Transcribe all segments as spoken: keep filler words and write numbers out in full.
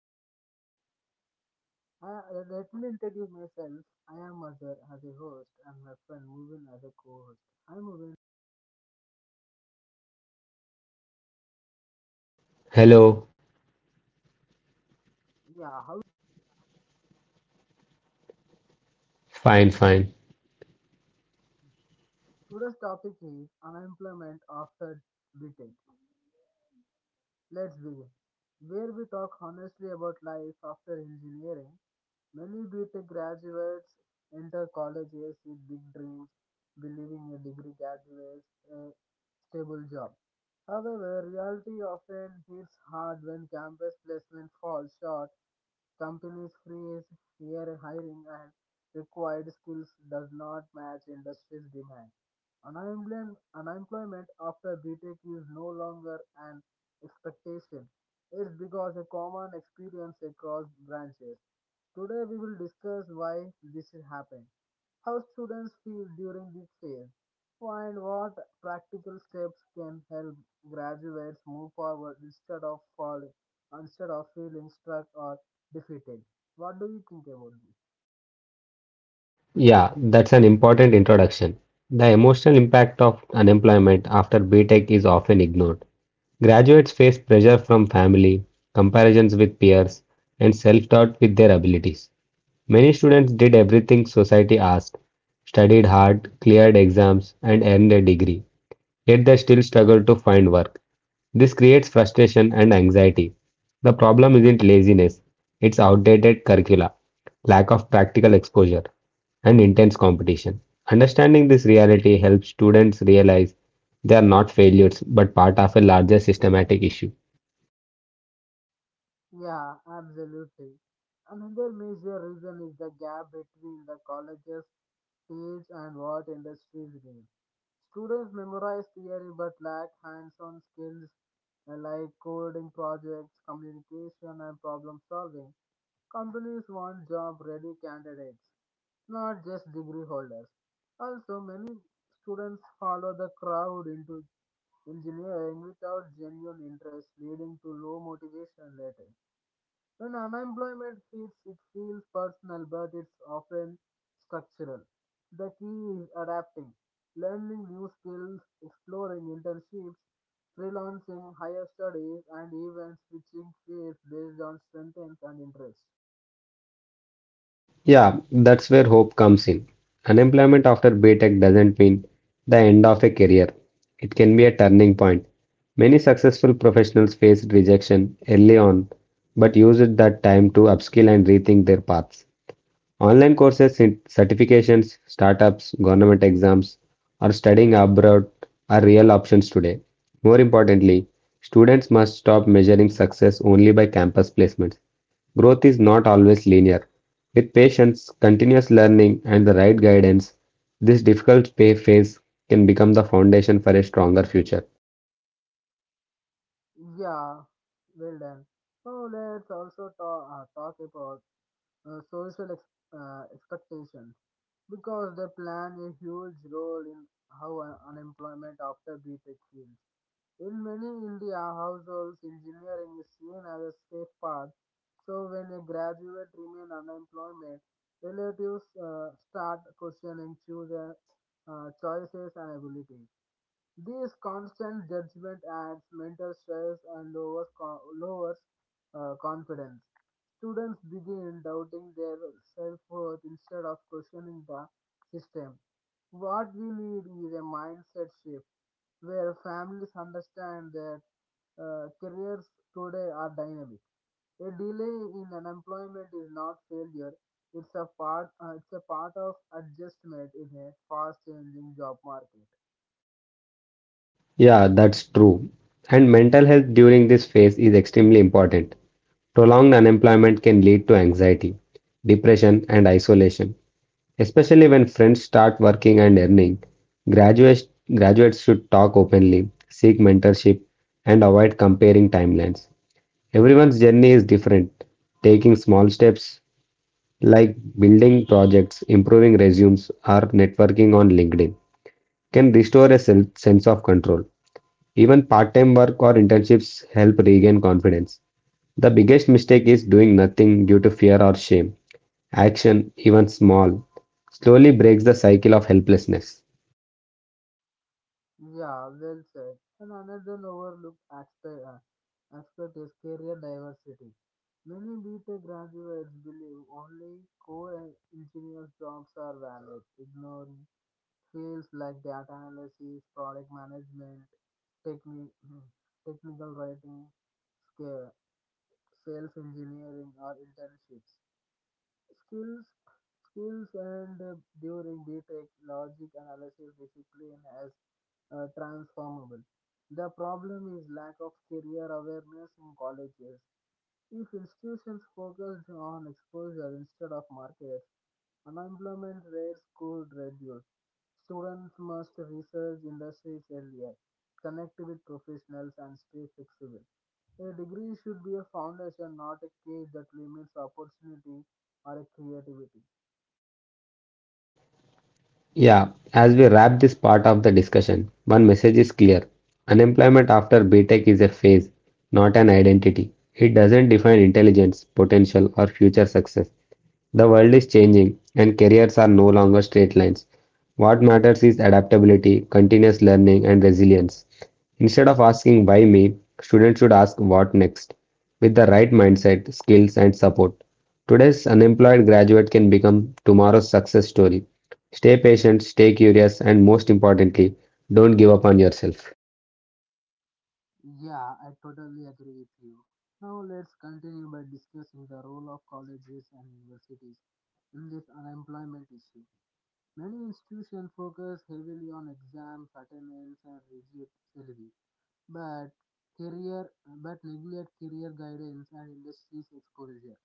podcast. I, let me introduce myself. I am Azhar as a host and my friend Mubin as a co-host. Hi Mubin. Hello. Yeah, how Fine, fine. today's topic is unemployment after BTech. Let's Begin, where we talk honestly about life after engineering. Many BTech graduates enter colleges with big dreams, believing a degree graduates a stable job. However, reality often hits hard when campus placement falls short, companies freeze year hiring, and required skills does not match industry's demand. Unemployment unemployment after BTech is no longer an expectation is because a common experience across branches. Today we will discuss why this is happening, how students feel during this phase, and what practical steps can help graduates move forward instead of falling, instead of feeling stuck or defeated. What do you think about this? Yeah, that's an important introduction. The emotional impact of unemployment after BTech is often ignored. Graduates face pressure from family, comparisons with peers, and self-doubt with their abilities. Many students did everything society asked, studied hard, cleared exams, and earned a degree, yet they still struggle to find work. This creates frustration and anxiety. The problem isn't laziness, it's outdated curricula, lack of practical exposure, and intense competition. Understanding this reality helps students realize they are not failures but part of a larger systematic issue. Yeah, absolutely. Another major reason is the gap between the college's teach and what industries need. Students memorize theory but lack hands-on skills uh, like coding projects, communication, and problem solving. Companies want job-ready candidates, not just degree holders. Also, many students follow the crowd into engineering without genuine interest, leading to low motivation later. When unemployment hits, it feels personal, but it's often structural. The key is adapting, learning new skills, exploring internships, freelancing, higher studies, and even switching fields based on strength and interest. Yeah, that's where hope comes in. Unemployment after BTech doesn't mean the end of a career. It can be a turning point. Many successful professionals faced rejection early on, but used that time to upskill and rethink their paths. Online courses in certifications, startups, government exams, or studying abroad are real options today. More importantly, students must stop measuring success only by campus placements. Growth is not always linear. With patience, continuous learning, and the right guidance, this difficult pay phase can become the foundation for a stronger future. Yeah, well done. Now let's also talk, uh, talk about uh, social ex- uh, expectations because they play a huge role in how un- unemployment after BTech feels. In many India households, engineering is seen as a safe path. So when a graduate remains unemployment, relatives uh, start questioning children uh, choices and abilities. This constant judgment adds mental stress and lowers, co- lowers uh, confidence. Students begin doubting their self worth instead of questioning the system. What we need is a mindset shift where families understand that uh, careers today are dynamic. A delay in unemployment is not failure. It's a part. Uh, it's a part of adjustment in a fast-changing job market. Yeah, that's true. And mental health during this phase is extremely important. Prolonged unemployment can lead to anxiety, depression, and isolation, especially when friends start working and earning. Graduates, graduates should talk openly, seek mentorship, and avoid comparing timelines. Everyone's journey is different. Taking small steps like building projects, improving resumes, or networking on LinkedIn can restore a sel- sense of control. Even part time work or internships help regain confidence. The biggest mistake is doing nothing due to fear or shame. Action, even small, slowly breaks the cycle of helplessness. Yeah, well said. And another overlooked aspect, uh, aspect is career diversity. Many B tech graduates believe only core engineers jobs are valid, ignoring fields like data analysis, product management, techni- technical writing, scale, sales engineering, or internships skills skills and uh, during btech logic analysis discipline as uh, transformable. The problem is lack of career awareness in colleges. If institutions focused on exposure instead of markets, unemployment rates could reduce. Students must research industries earlier, connect with professionals, and stay flexible. A degree should be a foundation, not a cage that limits opportunity or creativity. Yeah, as we wrap this part of the discussion, one message is clear. Unemployment after B Tech is a phase, not an identity. It doesn't define intelligence, potential, or future success. The world is changing, and careers are no longer straight lines. What matters is adaptability, continuous learning, and resilience. Instead of asking why me, students should ask what next with the right mindset, skills, and support. Today's unemployed graduate can become tomorrow's success story. Stay patient, stay curious, and most importantly, don't give up on yourself. Yeah, I totally agree with you. Now let's continue by discussing the role of colleges and universities in this unemployment issue. Many institutions focus heavily on exams, attendance, and rigid syllabi, but career but neglect career guidance and industry's exposure.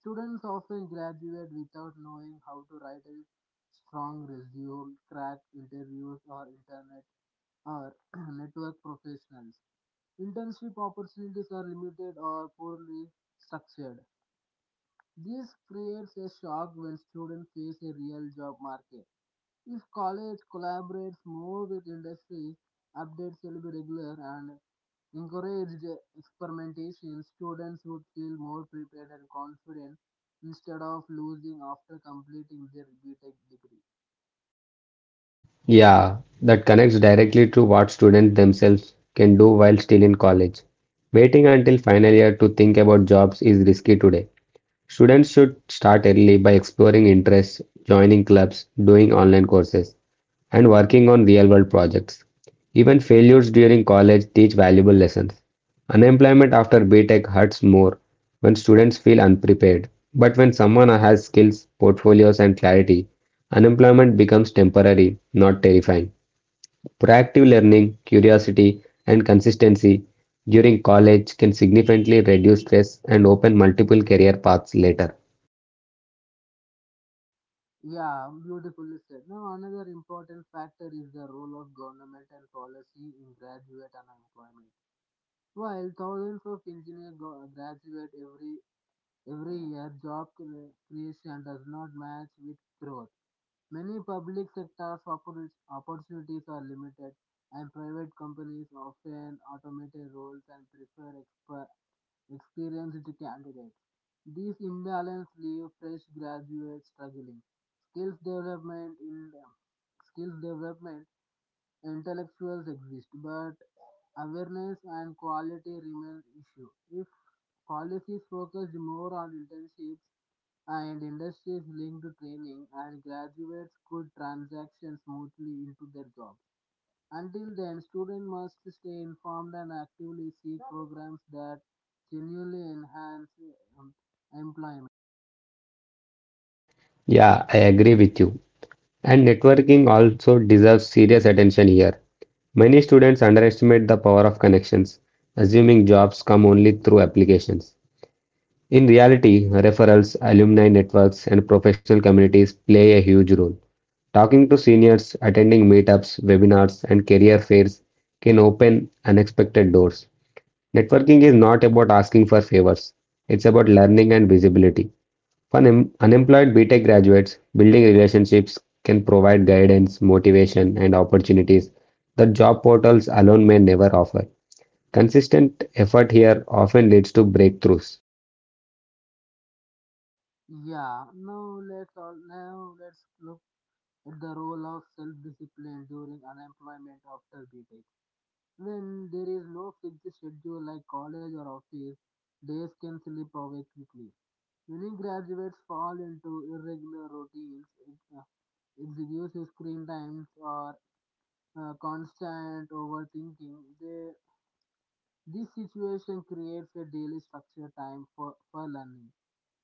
Students often graduate without knowing how to write a strong resume, crack interviews, or internet or network professionals. Internship opportunities are limited or poorly structured. This creates a shock when students face a real job market. If college collaborates more with industry, updates will be regular and encouraged experimentation, students would feel more prepared and confident instead of losing after completing their BTech degree. Yeah, that connects directly to what students themselves can do while still in college. Waiting until final year to think about jobs is risky today. Students should start early by exploring interests, joining clubs, doing online courses, and working on real world projects. Even failures during college teach valuable lessons. Unemployment after B tech hurts more when students feel unprepared. But when someone has skills, portfolios, and clarity, unemployment becomes temporary, not terrifying. Proactive learning, curiosity, and consistency during college can significantly reduce stress and open multiple career paths later. Yeah, beautifully said. Now, another important factor is the role of government and policy in graduate unemployment. While thousands of engineers go- graduate every every year, job cre- creation does not match with growth. Many public sectors oppor- opportunities are limited, and private companies often automate roles and prefer exper- experienced candidates. These imbalance leave fresh graduates struggling. Skills development in skills development intellectuals exist, but awareness and quality remain issue. If Policies focused more on internships and industries linked to training, and graduates could transition smoothly into their jobs. Until then, students must stay informed and actively seek programs that genuinely enhance um, employment. Yeah, I agree with you. And networking also deserves serious attention here. Many students underestimate the power of connections, assuming jobs come only through applications. In reality, referrals, alumni networks, and professional communities play a huge role. Talking to seniors, attending meetups, webinars, and career fairs can open unexpected doors. Networking is not about asking for favors, it's about learning and visibility. For un- unemployed BTech graduates, building relationships can provide guidance, motivation, and opportunities that job portals alone may never offer. Consistent effort here often leads to breakthroughs. Yeah, now let's all, now let's look at the role of self-discipline during unemployment after BTech. When there is no fixed schedule like college or office, days can slip away quickly. Many graduates fall into irregular routines, ex- uh, excessive screen times, or uh, constant overthinking. They, this situation creates a daily structured time for, for learning.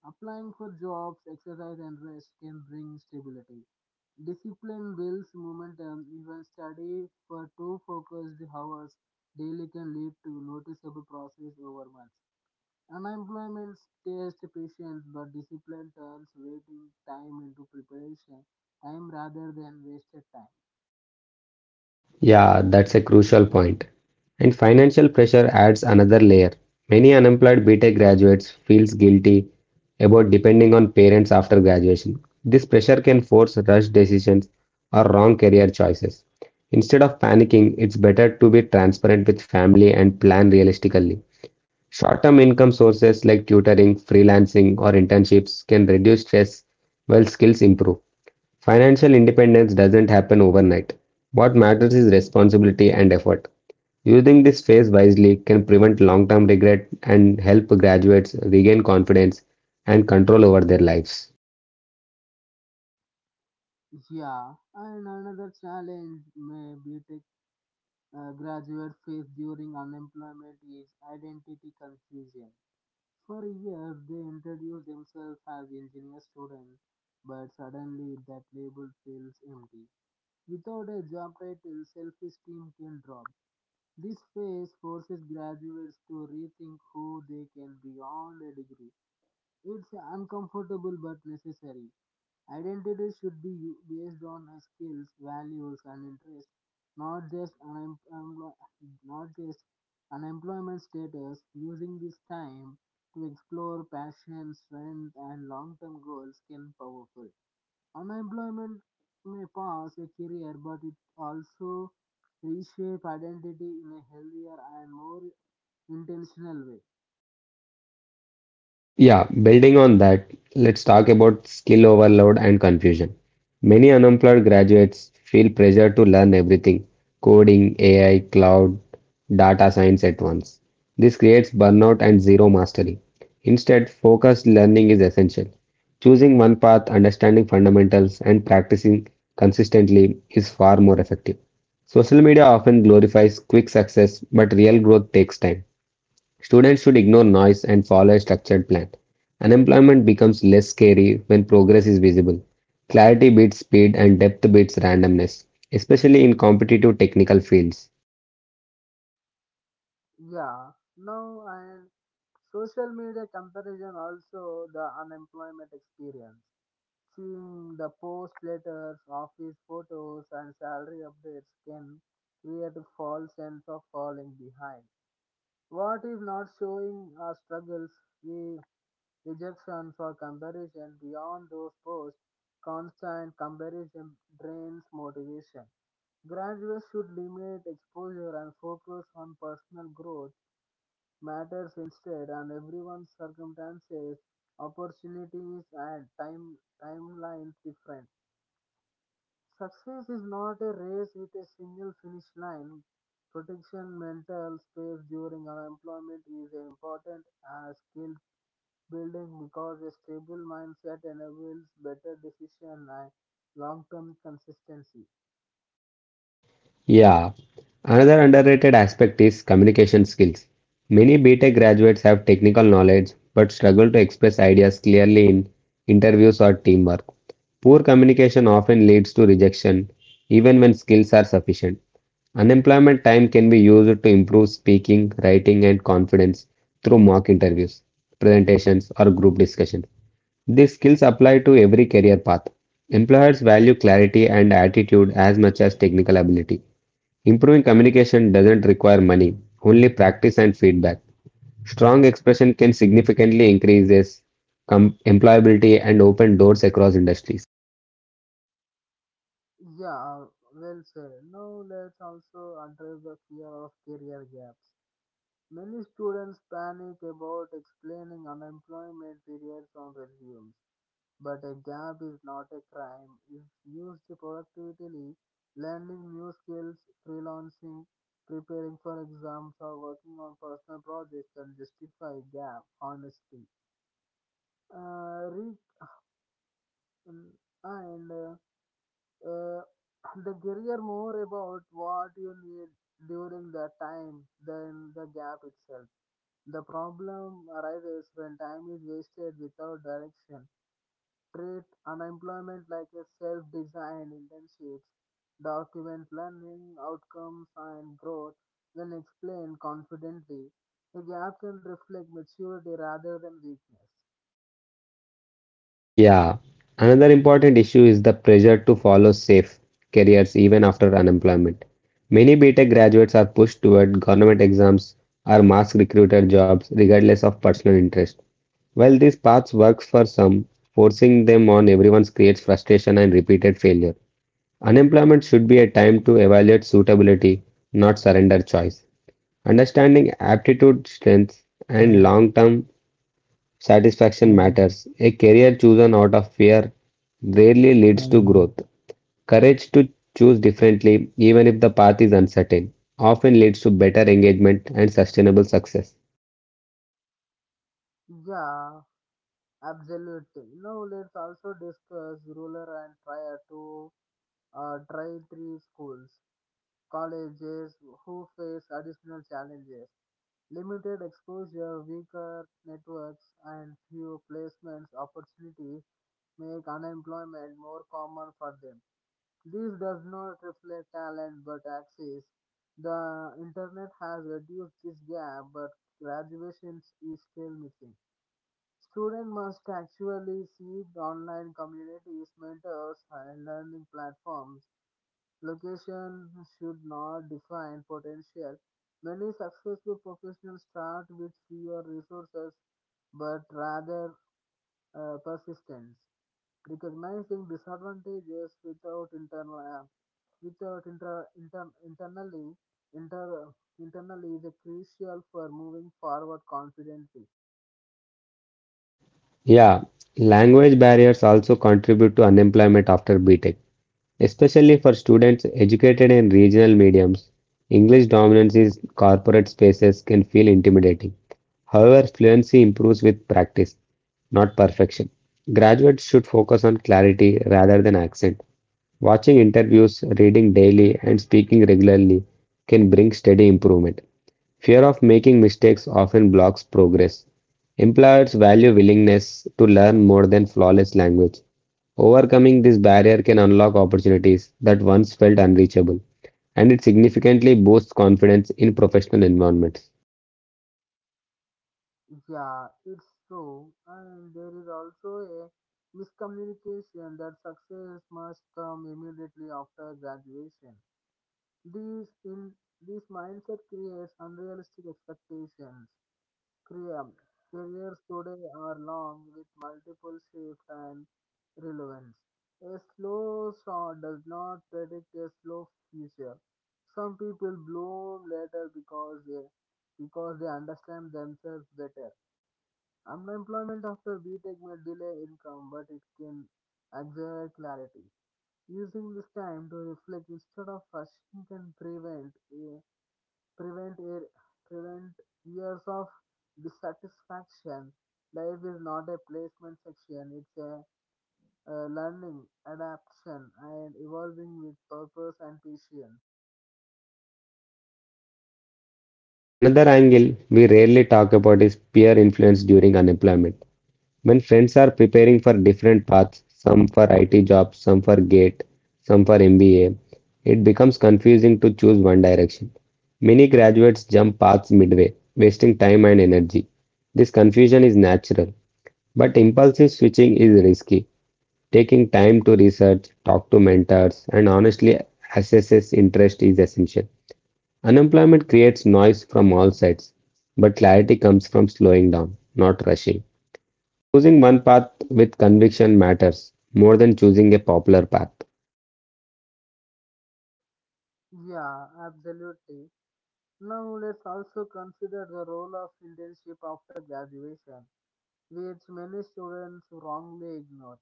Applying for jobs, exercise, and rest can bring stability. Discipline builds momentum. Even study for two focused hours daily can lead to noticeable process over months. Unemployment tests patience, but discipline turns waiting time into preparation time rather than wasted time. Yeah, that's a crucial point. And financial pressure adds another layer. Many unemployed BTech graduates feels guilty about depending on parents after graduation. This pressure can force rushed decisions or wrong career choices. Instead of panicking, it's better to be transparent with family and plan realistically. Short-term income sources like tutoring, freelancing, or internships can reduce stress while skills improve. Financial independence doesn't happen overnight. What matters is responsibility and effort. Using this phase wisely can prevent long term regret and help graduates regain confidence and control over their lives. Yeah, and another challenge may be tech uh, graduate face during unemployment is identity confusion. For years, they introduce themselves as engineer student, but suddenly that label feels empty. Without a job title, self-esteem can drop. This phase forces graduates to rethink who they can be beyond a degree. It's uncomfortable but necessary. Identity should be u- based on uh, skills, values, and interests, not just unem- emplo- not just unemployment status. Using this time to explore passion, strength, and long-term goals can powerful. Unemployment may pass a career, but it also reshape identity in a healthier and more intentional way. Yeah, building on that, let's talk about skill overload and confusion. Many unemployed graduates feel pressure to learn everything coding, A I, cloud, data science at once. This creates burnout and zero mastery. Instead, focused learning is essential. Choosing one path, understanding fundamentals, and practicing consistently is far more effective. Social media often glorifies quick success, but real growth takes time. Students should ignore noise and follow a structured plan. Unemployment becomes less scary when progress is visible. Clarity beats speed and depth beats randomness, especially in competitive technical fields. Yeah, now and social media comparison also the unemployment experience. Seeing the post letters, office photos, and salary updates can create a false sense of falling behind. What is not showing our struggles, we rejection for comparison beyond those posts, constant comparison drains motivation. Graduates should limit exposure and focus on personal growth matters instead, and everyone's circumstances, opportunities, and time timelines different. Success is not a race with a single finish line. Protection mental space during unemployment is important as skill building because a stable mindset enables better decision and long-term consistency. Yeah. Another underrated aspect is communication skills. Many B tech graduates have technical knowledge but struggle to express ideas clearly in interviews or teamwork. Poor communication often leads to rejection, even when skills are sufficient. Unemployment time can be used to improve speaking, writing, and confidence through mock interviews, presentations, or group discussions. These skills apply to every career path. Employers value clarity and attitude as much as technical ability. Improving communication doesn't require money, only practice and feedback. Strong expression can significantly increase com- employability and open doors across industries. Yeah, well said. Now let's also address the fear of career gaps. Many students panic about explaining unemployment periods on resumes, but a gap is not a crime if used productively. Learning new skills, freelancing, preparing for exams, or working on personal projects can justify gap. Honestly uh, reach mm, and uh, uh, the career more about what you need during that time than the gap itself. The problem arises when time is wasted without direction. Treat unemployment like a self-designed internships. Document learning, outcomes, and growth, then explain confidently. The gap can reflect maturity rather than weakness. Yeah, another important issue is the pressure to follow safe careers even after unemployment. Many B tech graduates are pushed toward government exams or mass recruiter jobs regardless of personal interest. While these paths works for some, forcing them on everyone creates frustration and repeated failure. Unemployment should be a time to evaluate suitability, not surrender choice. Understanding aptitude, strengths, and long term satisfaction matters. A career chosen out of fear rarely leads to growth. Courage to choose differently, even if the path is uncertain, often leads to better engagement and sustainable success. Yeah, absolutely. Now let's also discuss rural and tier to uh, tier three schools, colleges who face additional challenges, limited exposure, weaker networks, and few placements opportunities make unemployment more common for them. This does not reflect talent but access. The internet has reduced this gap, but graduations is still missing. Students must actually seek online communities, mentors, and learning platforms. Location should not define potential. Many successful professionals start with fewer resources but rather uh, persistence. Recognizing disadvantages without internal uh, without inter, inter, internally inter, internally is crucial for moving forward confidently. Yeah, language barriers also contribute to unemployment after B tech, especially for students educated in regional mediums. English dominance in corporate spaces can feel intimidating. However, fluency improves with practice, not perfection. Graduates should focus on clarity rather than accent. Watching interviews, reading daily, and speaking regularly can bring steady improvement. Fear of making mistakes often blocks progress. Employers value willingness to learn more than flawless language. Overcoming this barrier can unlock opportunities that once felt unreachable, and it significantly boosts confidence in professional environments. Yeah, it's true. And there is also a miscommunication that success must come immediately after graduation. This in this mindset creates unrealistic expectations. Career- Careers today are long with multiple shifts and relevance. A slow start does not predict a slow future. Some people bloom later because they because they understand themselves better. Unemployment after B Tech may delay income, but it can accelerate clarity. Using this time to reflect instead of rushing can prevent eh, prevent eh, prevent years of dissatisfaction. Life is not a placement section; it's a, uh learning, adaptation, and evolving with purpose and patience. Yeah, another angle we rarely talk about is peer influence during unemployment. When friends are preparing for different paths, some for I T jobs, some for GATE, some for M B A, it becomes confusing to choose one direction. Many graduates jump paths midway, wasting time and energy. This confusion is natural, but impulsive switching is risky. Taking time to research, talk to mentors, and honestly assess interest is essential. Unemployment creates noise from all sides, but clarity comes from slowing down, not rushing. Choosing one path with conviction matters more than choosing a popular path. Yeah, absolutely. Now let's also consider the role of internship after graduation, which many students wrongly ignore.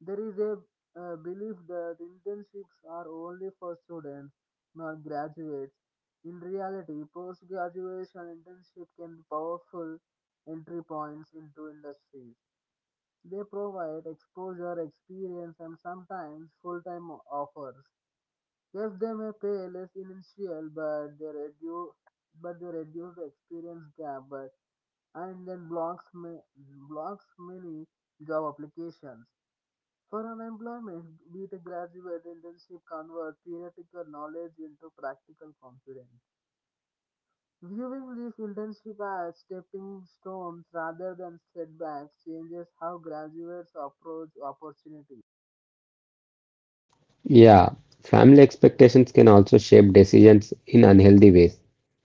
There is a uh, belief that internships are only for students, not graduates. In reality, post graduation internship can be powerful entry points into industries. They provide exposure, experience, and sometimes full time offers. Yes, they may pay less initial, but they reduce but they reduce the experience gap. But and then blocks, ma- blocks many job applications. For unemployment, be it a graduate internship convert theoretical knowledge into practical confidence. Viewing these internship as stepping stones rather than setbacks changes how graduates approach opportunity. Yeah, family expectations can also shape decisions in unhealthy ways.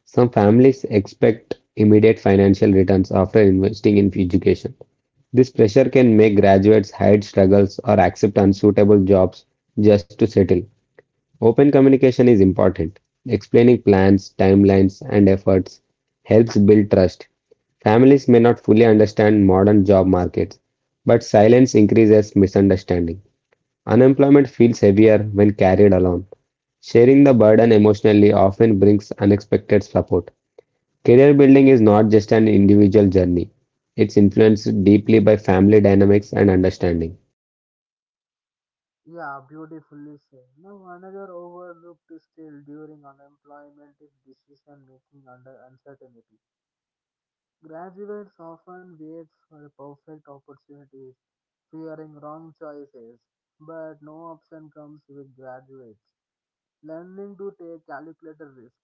Some families expect immediate financial returns after investing in education. This pressure can make graduates hide struggles or accept unsuitable jobs just to settle. Open communication is important. Explaining plans, timelines, and efforts helps build trust. Families may not fully understand modern job markets, but silence increases misunderstanding. Unemployment feels heavier when carried alone. Sharing the burden emotionally often brings unexpected support. Career building is not just an individual journey, it's influenced deeply by family dynamics and understanding. Yeah, beautifully said. Now, another overlooked skill during unemployment is decision making under uncertainty. Graduates often wait for a perfect opportunity fearing wrong choices, but no option comes with graduates. Learning to take calculated risk,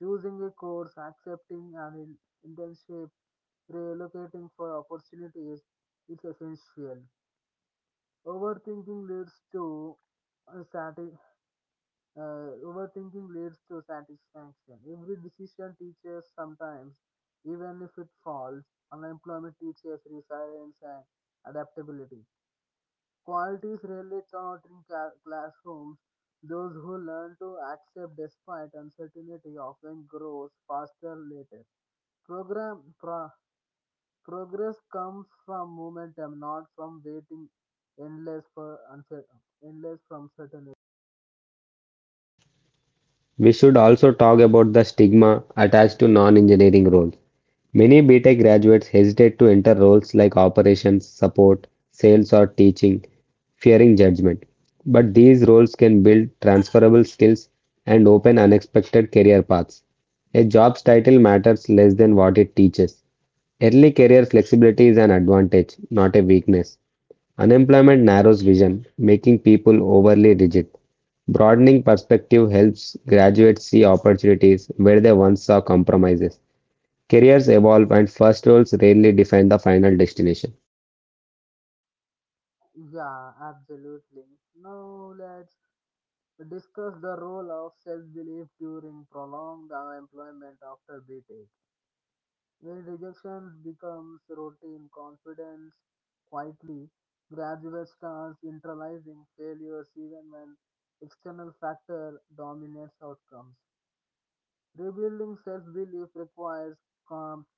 choosing a course, accepting an in- internship, relocating for opportunities is essential. Overthinking leads to uh, sati- uh, overthinking leads to satisfaction. Every decision teaches sometimes, even if it falls, unemployment teaches resilience and adaptability. Qualities rarely taught in ca- classrooms. Those who learn to accept despite uncertainty often grows faster later. Program pro, progress comes from momentum, not from waiting endless for uncer, endless from certainty. We should also talk about the stigma attached to non-engineering roles. Many BTech graduates hesitate to enter roles like operations, support, sales, or teaching, fearing judgment. But these roles can build transferable skills and open unexpected career paths. A job's title matters less than what it teaches. Early career flexibility is an advantage, not a weakness. Unemployment narrows vision, making people overly rigid. Broadening perspective helps graduates see opportunities where they once saw compromises. Careers evolve, and first roles rarely define the final destination. Yeah, absolutely. Now let's discuss the role of self-belief during prolonged unemployment after BTech. When rejection becomes routine, confidence quietly gradually starts internalizing failures even when external factor dominates outcomes. Rebuilding self-belief requires calm.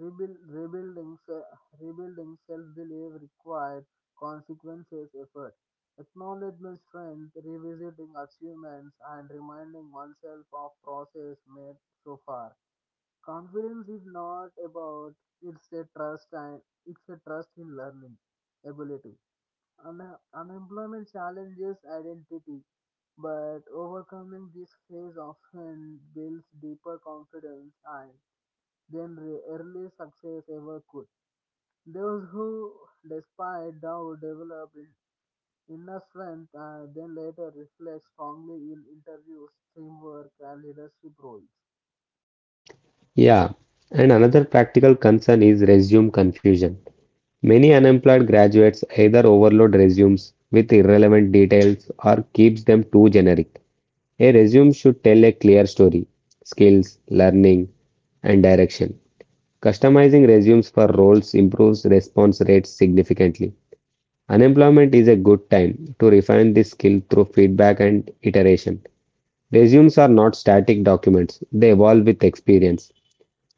Rebuild, rebuilding se- rebuilding self-belief requires consequences effort. Acknowledgement strength, revisiting achievements, and reminding oneself of process made so far. Confidence is not about, it's a trust, and it's a trust in learning ability. Un- unemployment challenges identity, but overcoming this phase often builds deeper confidence and than re- early success ever could. Those who, despite doubt, develop in- inner strength and then later reflect strongly in interviews, teamwork and leadership roles. Yeah, and another practical concern is resume confusion. Many unemployed graduates either overload resumes with irrelevant details or keeps them too generic. A resume should tell a clear story, skills, learning, and direction. Customizing resumes for roles improves response rates significantly. Unemployment is a good time to refine this skill through feedback and iteration. Resumes are not static documents, they evolve with experience.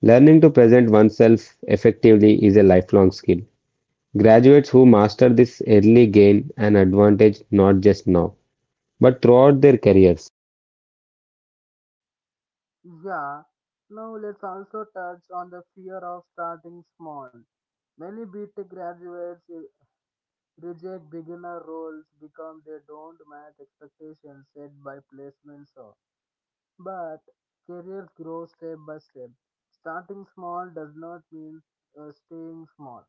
Learning to present oneself effectively is a lifelong skill. Graduates who master this early gain an advantage not just now, but throughout their careers. Yeah, now let's also touch on the fear of starting small. Many BTech graduates eh, reject beginner roles because they don't match expectations set by placements. or- But careers grow step by step. Starting small does not mean uh, staying small.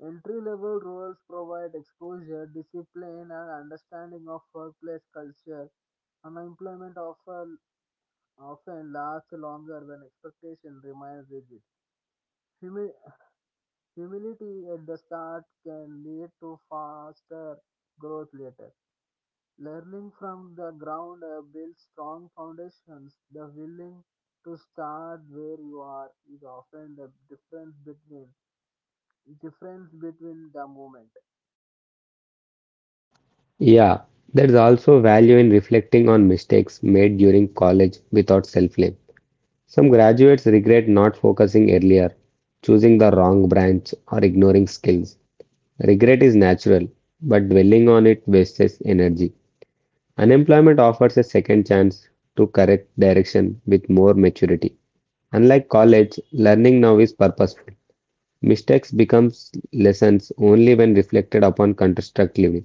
Entry level roles provide exposure, discipline, and understanding of workplace culture. Unemployment often often lasts longer when expectation remains rigid. Humi- Humility at the start can lead to faster growth later. Learning from the ground up builds strong foundations. The willing to start where you are is often the difference between difference between the moment. Yeah, there is also value in reflecting on mistakes made during college without self blame. Some graduates regret not focusing earlier, choosing the wrong branch, or ignoring skills. Regret is natural, but dwelling on it wastes energy. Unemployment offers a second chance to correct direction with more maturity. Unlike college, learning now is purposeful. Mistakes become lessons only when reflected upon constructively.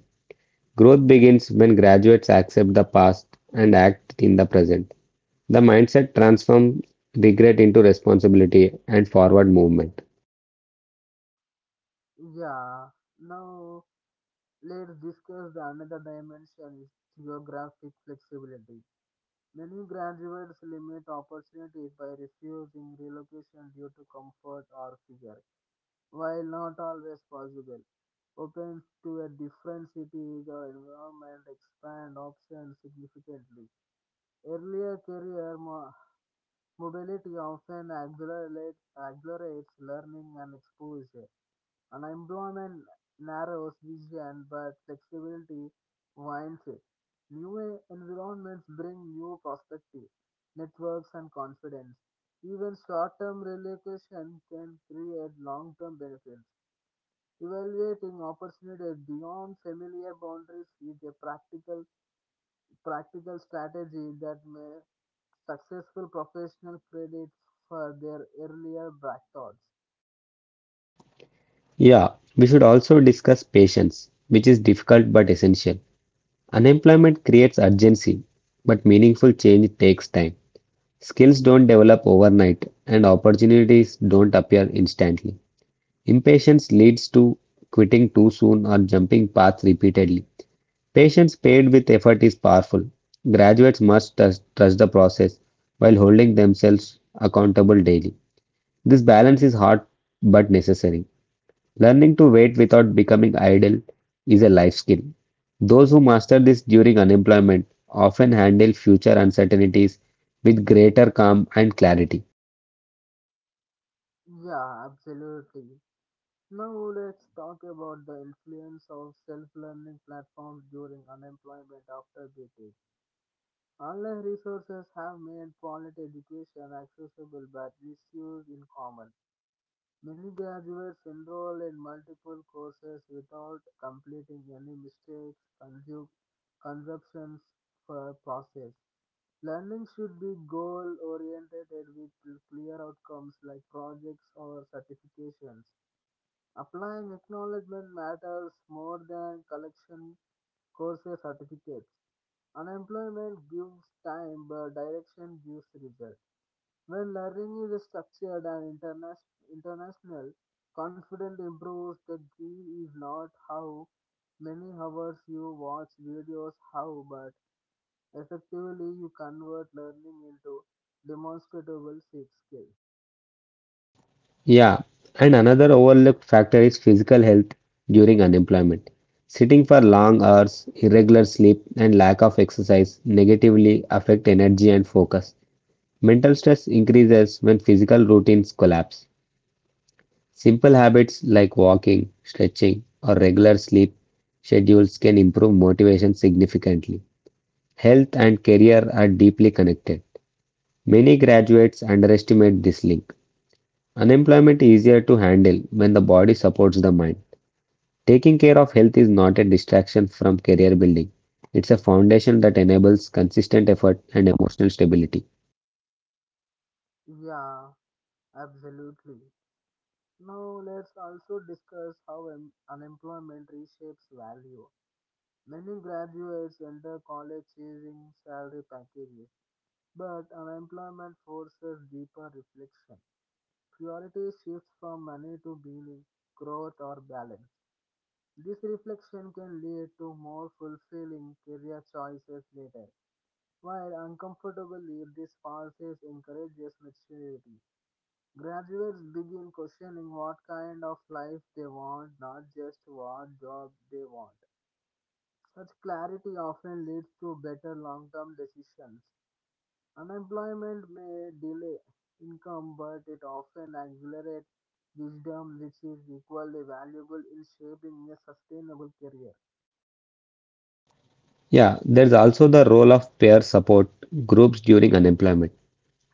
Growth begins when graduates accept the past and act in the present. The mindset transforms regret into responsibility and forward movement. Yeah. Now let's discuss, the another dimension is geographic flexibility. Many graduates limit opportunities by refusing relocation due to comfort or fear. While not always possible, opens to a different city or environment expand options significantly. Earlier career mo- mobility often accelerate- accelerates learning and exposure. Unemployment narrows vision, but flexibility widens it. New e, environments bring new perspective, networks, and confidence. Even short-term relocation can create long-term benefits. Evaluating opportunities beyond familiar boundaries is a practical practical strategy that may successful professional credit for their earlier black thoughts. Yeah, we should also discuss patience, which is difficult but essential. Unemployment creates urgency, but meaningful change takes time. Skills don't develop overnight and opportunities don't appear instantly. Impatience leads to quitting too soon or jumping paths repeatedly. Patience paired with effort is powerful. Graduates must trust trust the process while holding themselves accountable daily. This balance is hard but necessary. Learning to wait without becoming idle is a life skill. Those who master this during unemployment often handle future uncertainties with greater calm and clarity. Yeah, absolutely. Now let's talk about the influence of self-learning platforms during unemployment after BTech. Online resources have made quality education accessible but misused in common. Many graduates enroll in multiple courses without completing any mistakes, consume, consumptions for process. Learning should be goal-oriented with clear outcomes like projects or certifications. Applying acknowledgement matters more than collection courses certificates. Unemployment gives time, but direction gives result. When learning is structured and interna- international, confidence improves. The key is not how many hours you watch videos, how, but effectively you convert learning into demonstrable skills. Yeah, and another overlooked factor is physical health during unemployment. Sitting for long hours, irregular sleep, and lack of exercise negatively affect energy and focus. Mental stress increases when physical routines collapse. Simple habits like walking, stretching, or regular sleep schedules can improve motivation significantly. Health and career are deeply connected. Many graduates underestimate this link. Unemployment is easier to handle when the body supports the mind. Taking care of health is not a distraction from career building. It's a foundation that enables consistent effort and emotional stability. Yeah, absolutely. Now let's also discuss how em- unemployment reshapes value. Many graduates enter college chasing salary packages, but unemployment forces deeper reflection. Priority shifts from money to meaning, growth, or balance. This reflection can lead to more fulfilling career choices later. While uncomfortable, this process encourages maturity. Graduates begin questioning what kind of life they want, not just what job they want. Such clarity often leads to better long term decisions. Unemployment may delay income, but it often accelerates wisdom, which is equally valuable in shaping a sustainable career. Yeah, there's also the role of peer support groups during unemployment.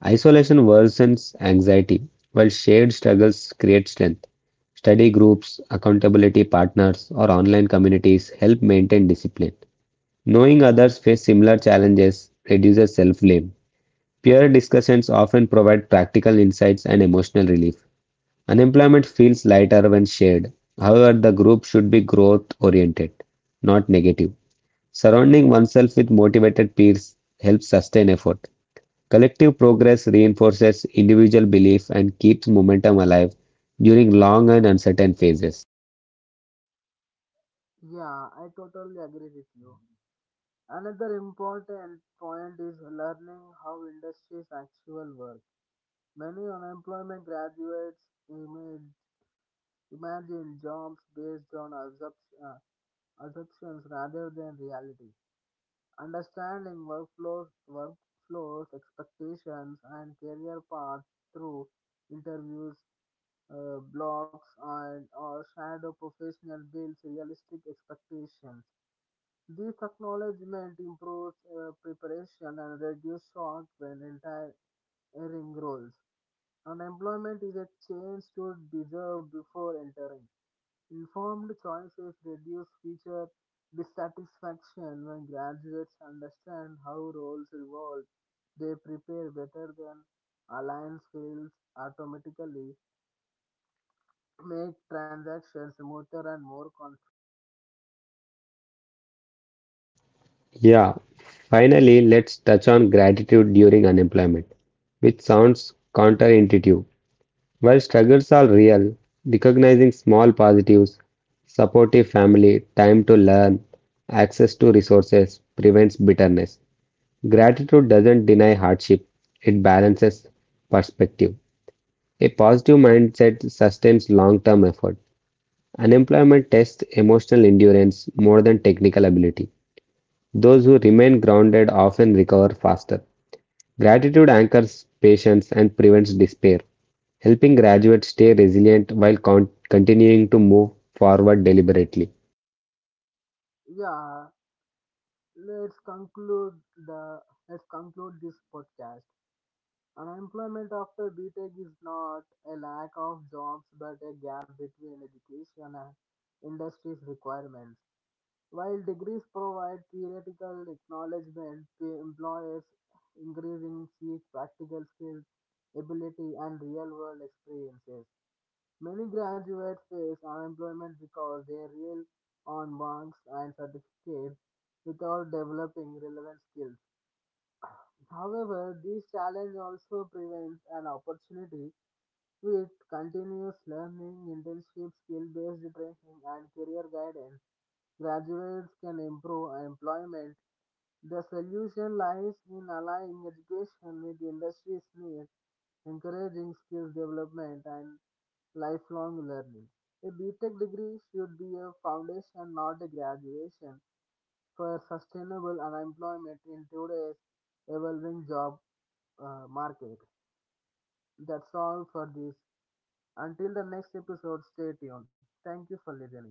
Isolation worsens anxiety, while shared struggles create strength. Study groups, accountability partners, or online communities help maintain discipline. Knowing others face similar challenges reduces self blame. Peer discussions often provide practical insights and emotional relief. Unemployment feels lighter when shared. However, the group should be growth oriented, not negative. Surrounding oneself with motivated peers helps sustain effort. Collective progress reinforces individual belief and keeps momentum alive during long and uncertain phases. Yeah, I totally agree with you. Another important point is learning how industries actually work. Many unemployment graduates imagine, imagine jobs based on assumption, uh, assumptions rather than reality. Understanding workflows, workflows, expectations, and career paths through interviews, uh, blogs, and or shadow professional builds realistic expectations. This acknowledgement improves uh, preparation and reduces shock when entering roles. Unemployment is a chance to deserve before entering. Informed choices reduce future dissatisfaction. When graduates understand how roles evolve, they prepare better than alliance fails automatically, make transactions smoother and more confident. Yeah, finally, let's touch on gratitude during unemployment, which sounds counterintuitive. While struggles are real, recognizing small positives, supportive family, time to learn, access to resources prevents bitterness. Gratitude doesn't deny hardship, it balances perspective. A positive mindset sustains long-term effort. Unemployment tests emotional endurance more than technical ability. Those who remain grounded often recover faster. Gratitude anchors patience and prevents despair, helping graduates stay resilient while con- continuing to move forward deliberately. Yeah, let's conclude the, let's conclude this podcast. Unemployment after BTech is not a lack of jobs but a gap between education and industry's requirements. While degrees provide theoretical acknowledgement, the employers increasing seek practical skills, ability, and real world experiences. Many graduates face unemployment because they rely on marks and certificates without developing relevant skills. However, this challenge also presents an opportunity with continuous learning, internship, skill based training, and career guidance. Graduates can improve employment. The solution lies in aligning education with industry's needs, encouraging skills development, and lifelong learning. A BTech degree should be a foundation, not a graduation, for sustainable unemployment in today's evolving job uh, market. That's all for this. Until the next episode, stay tuned. Thank you for listening.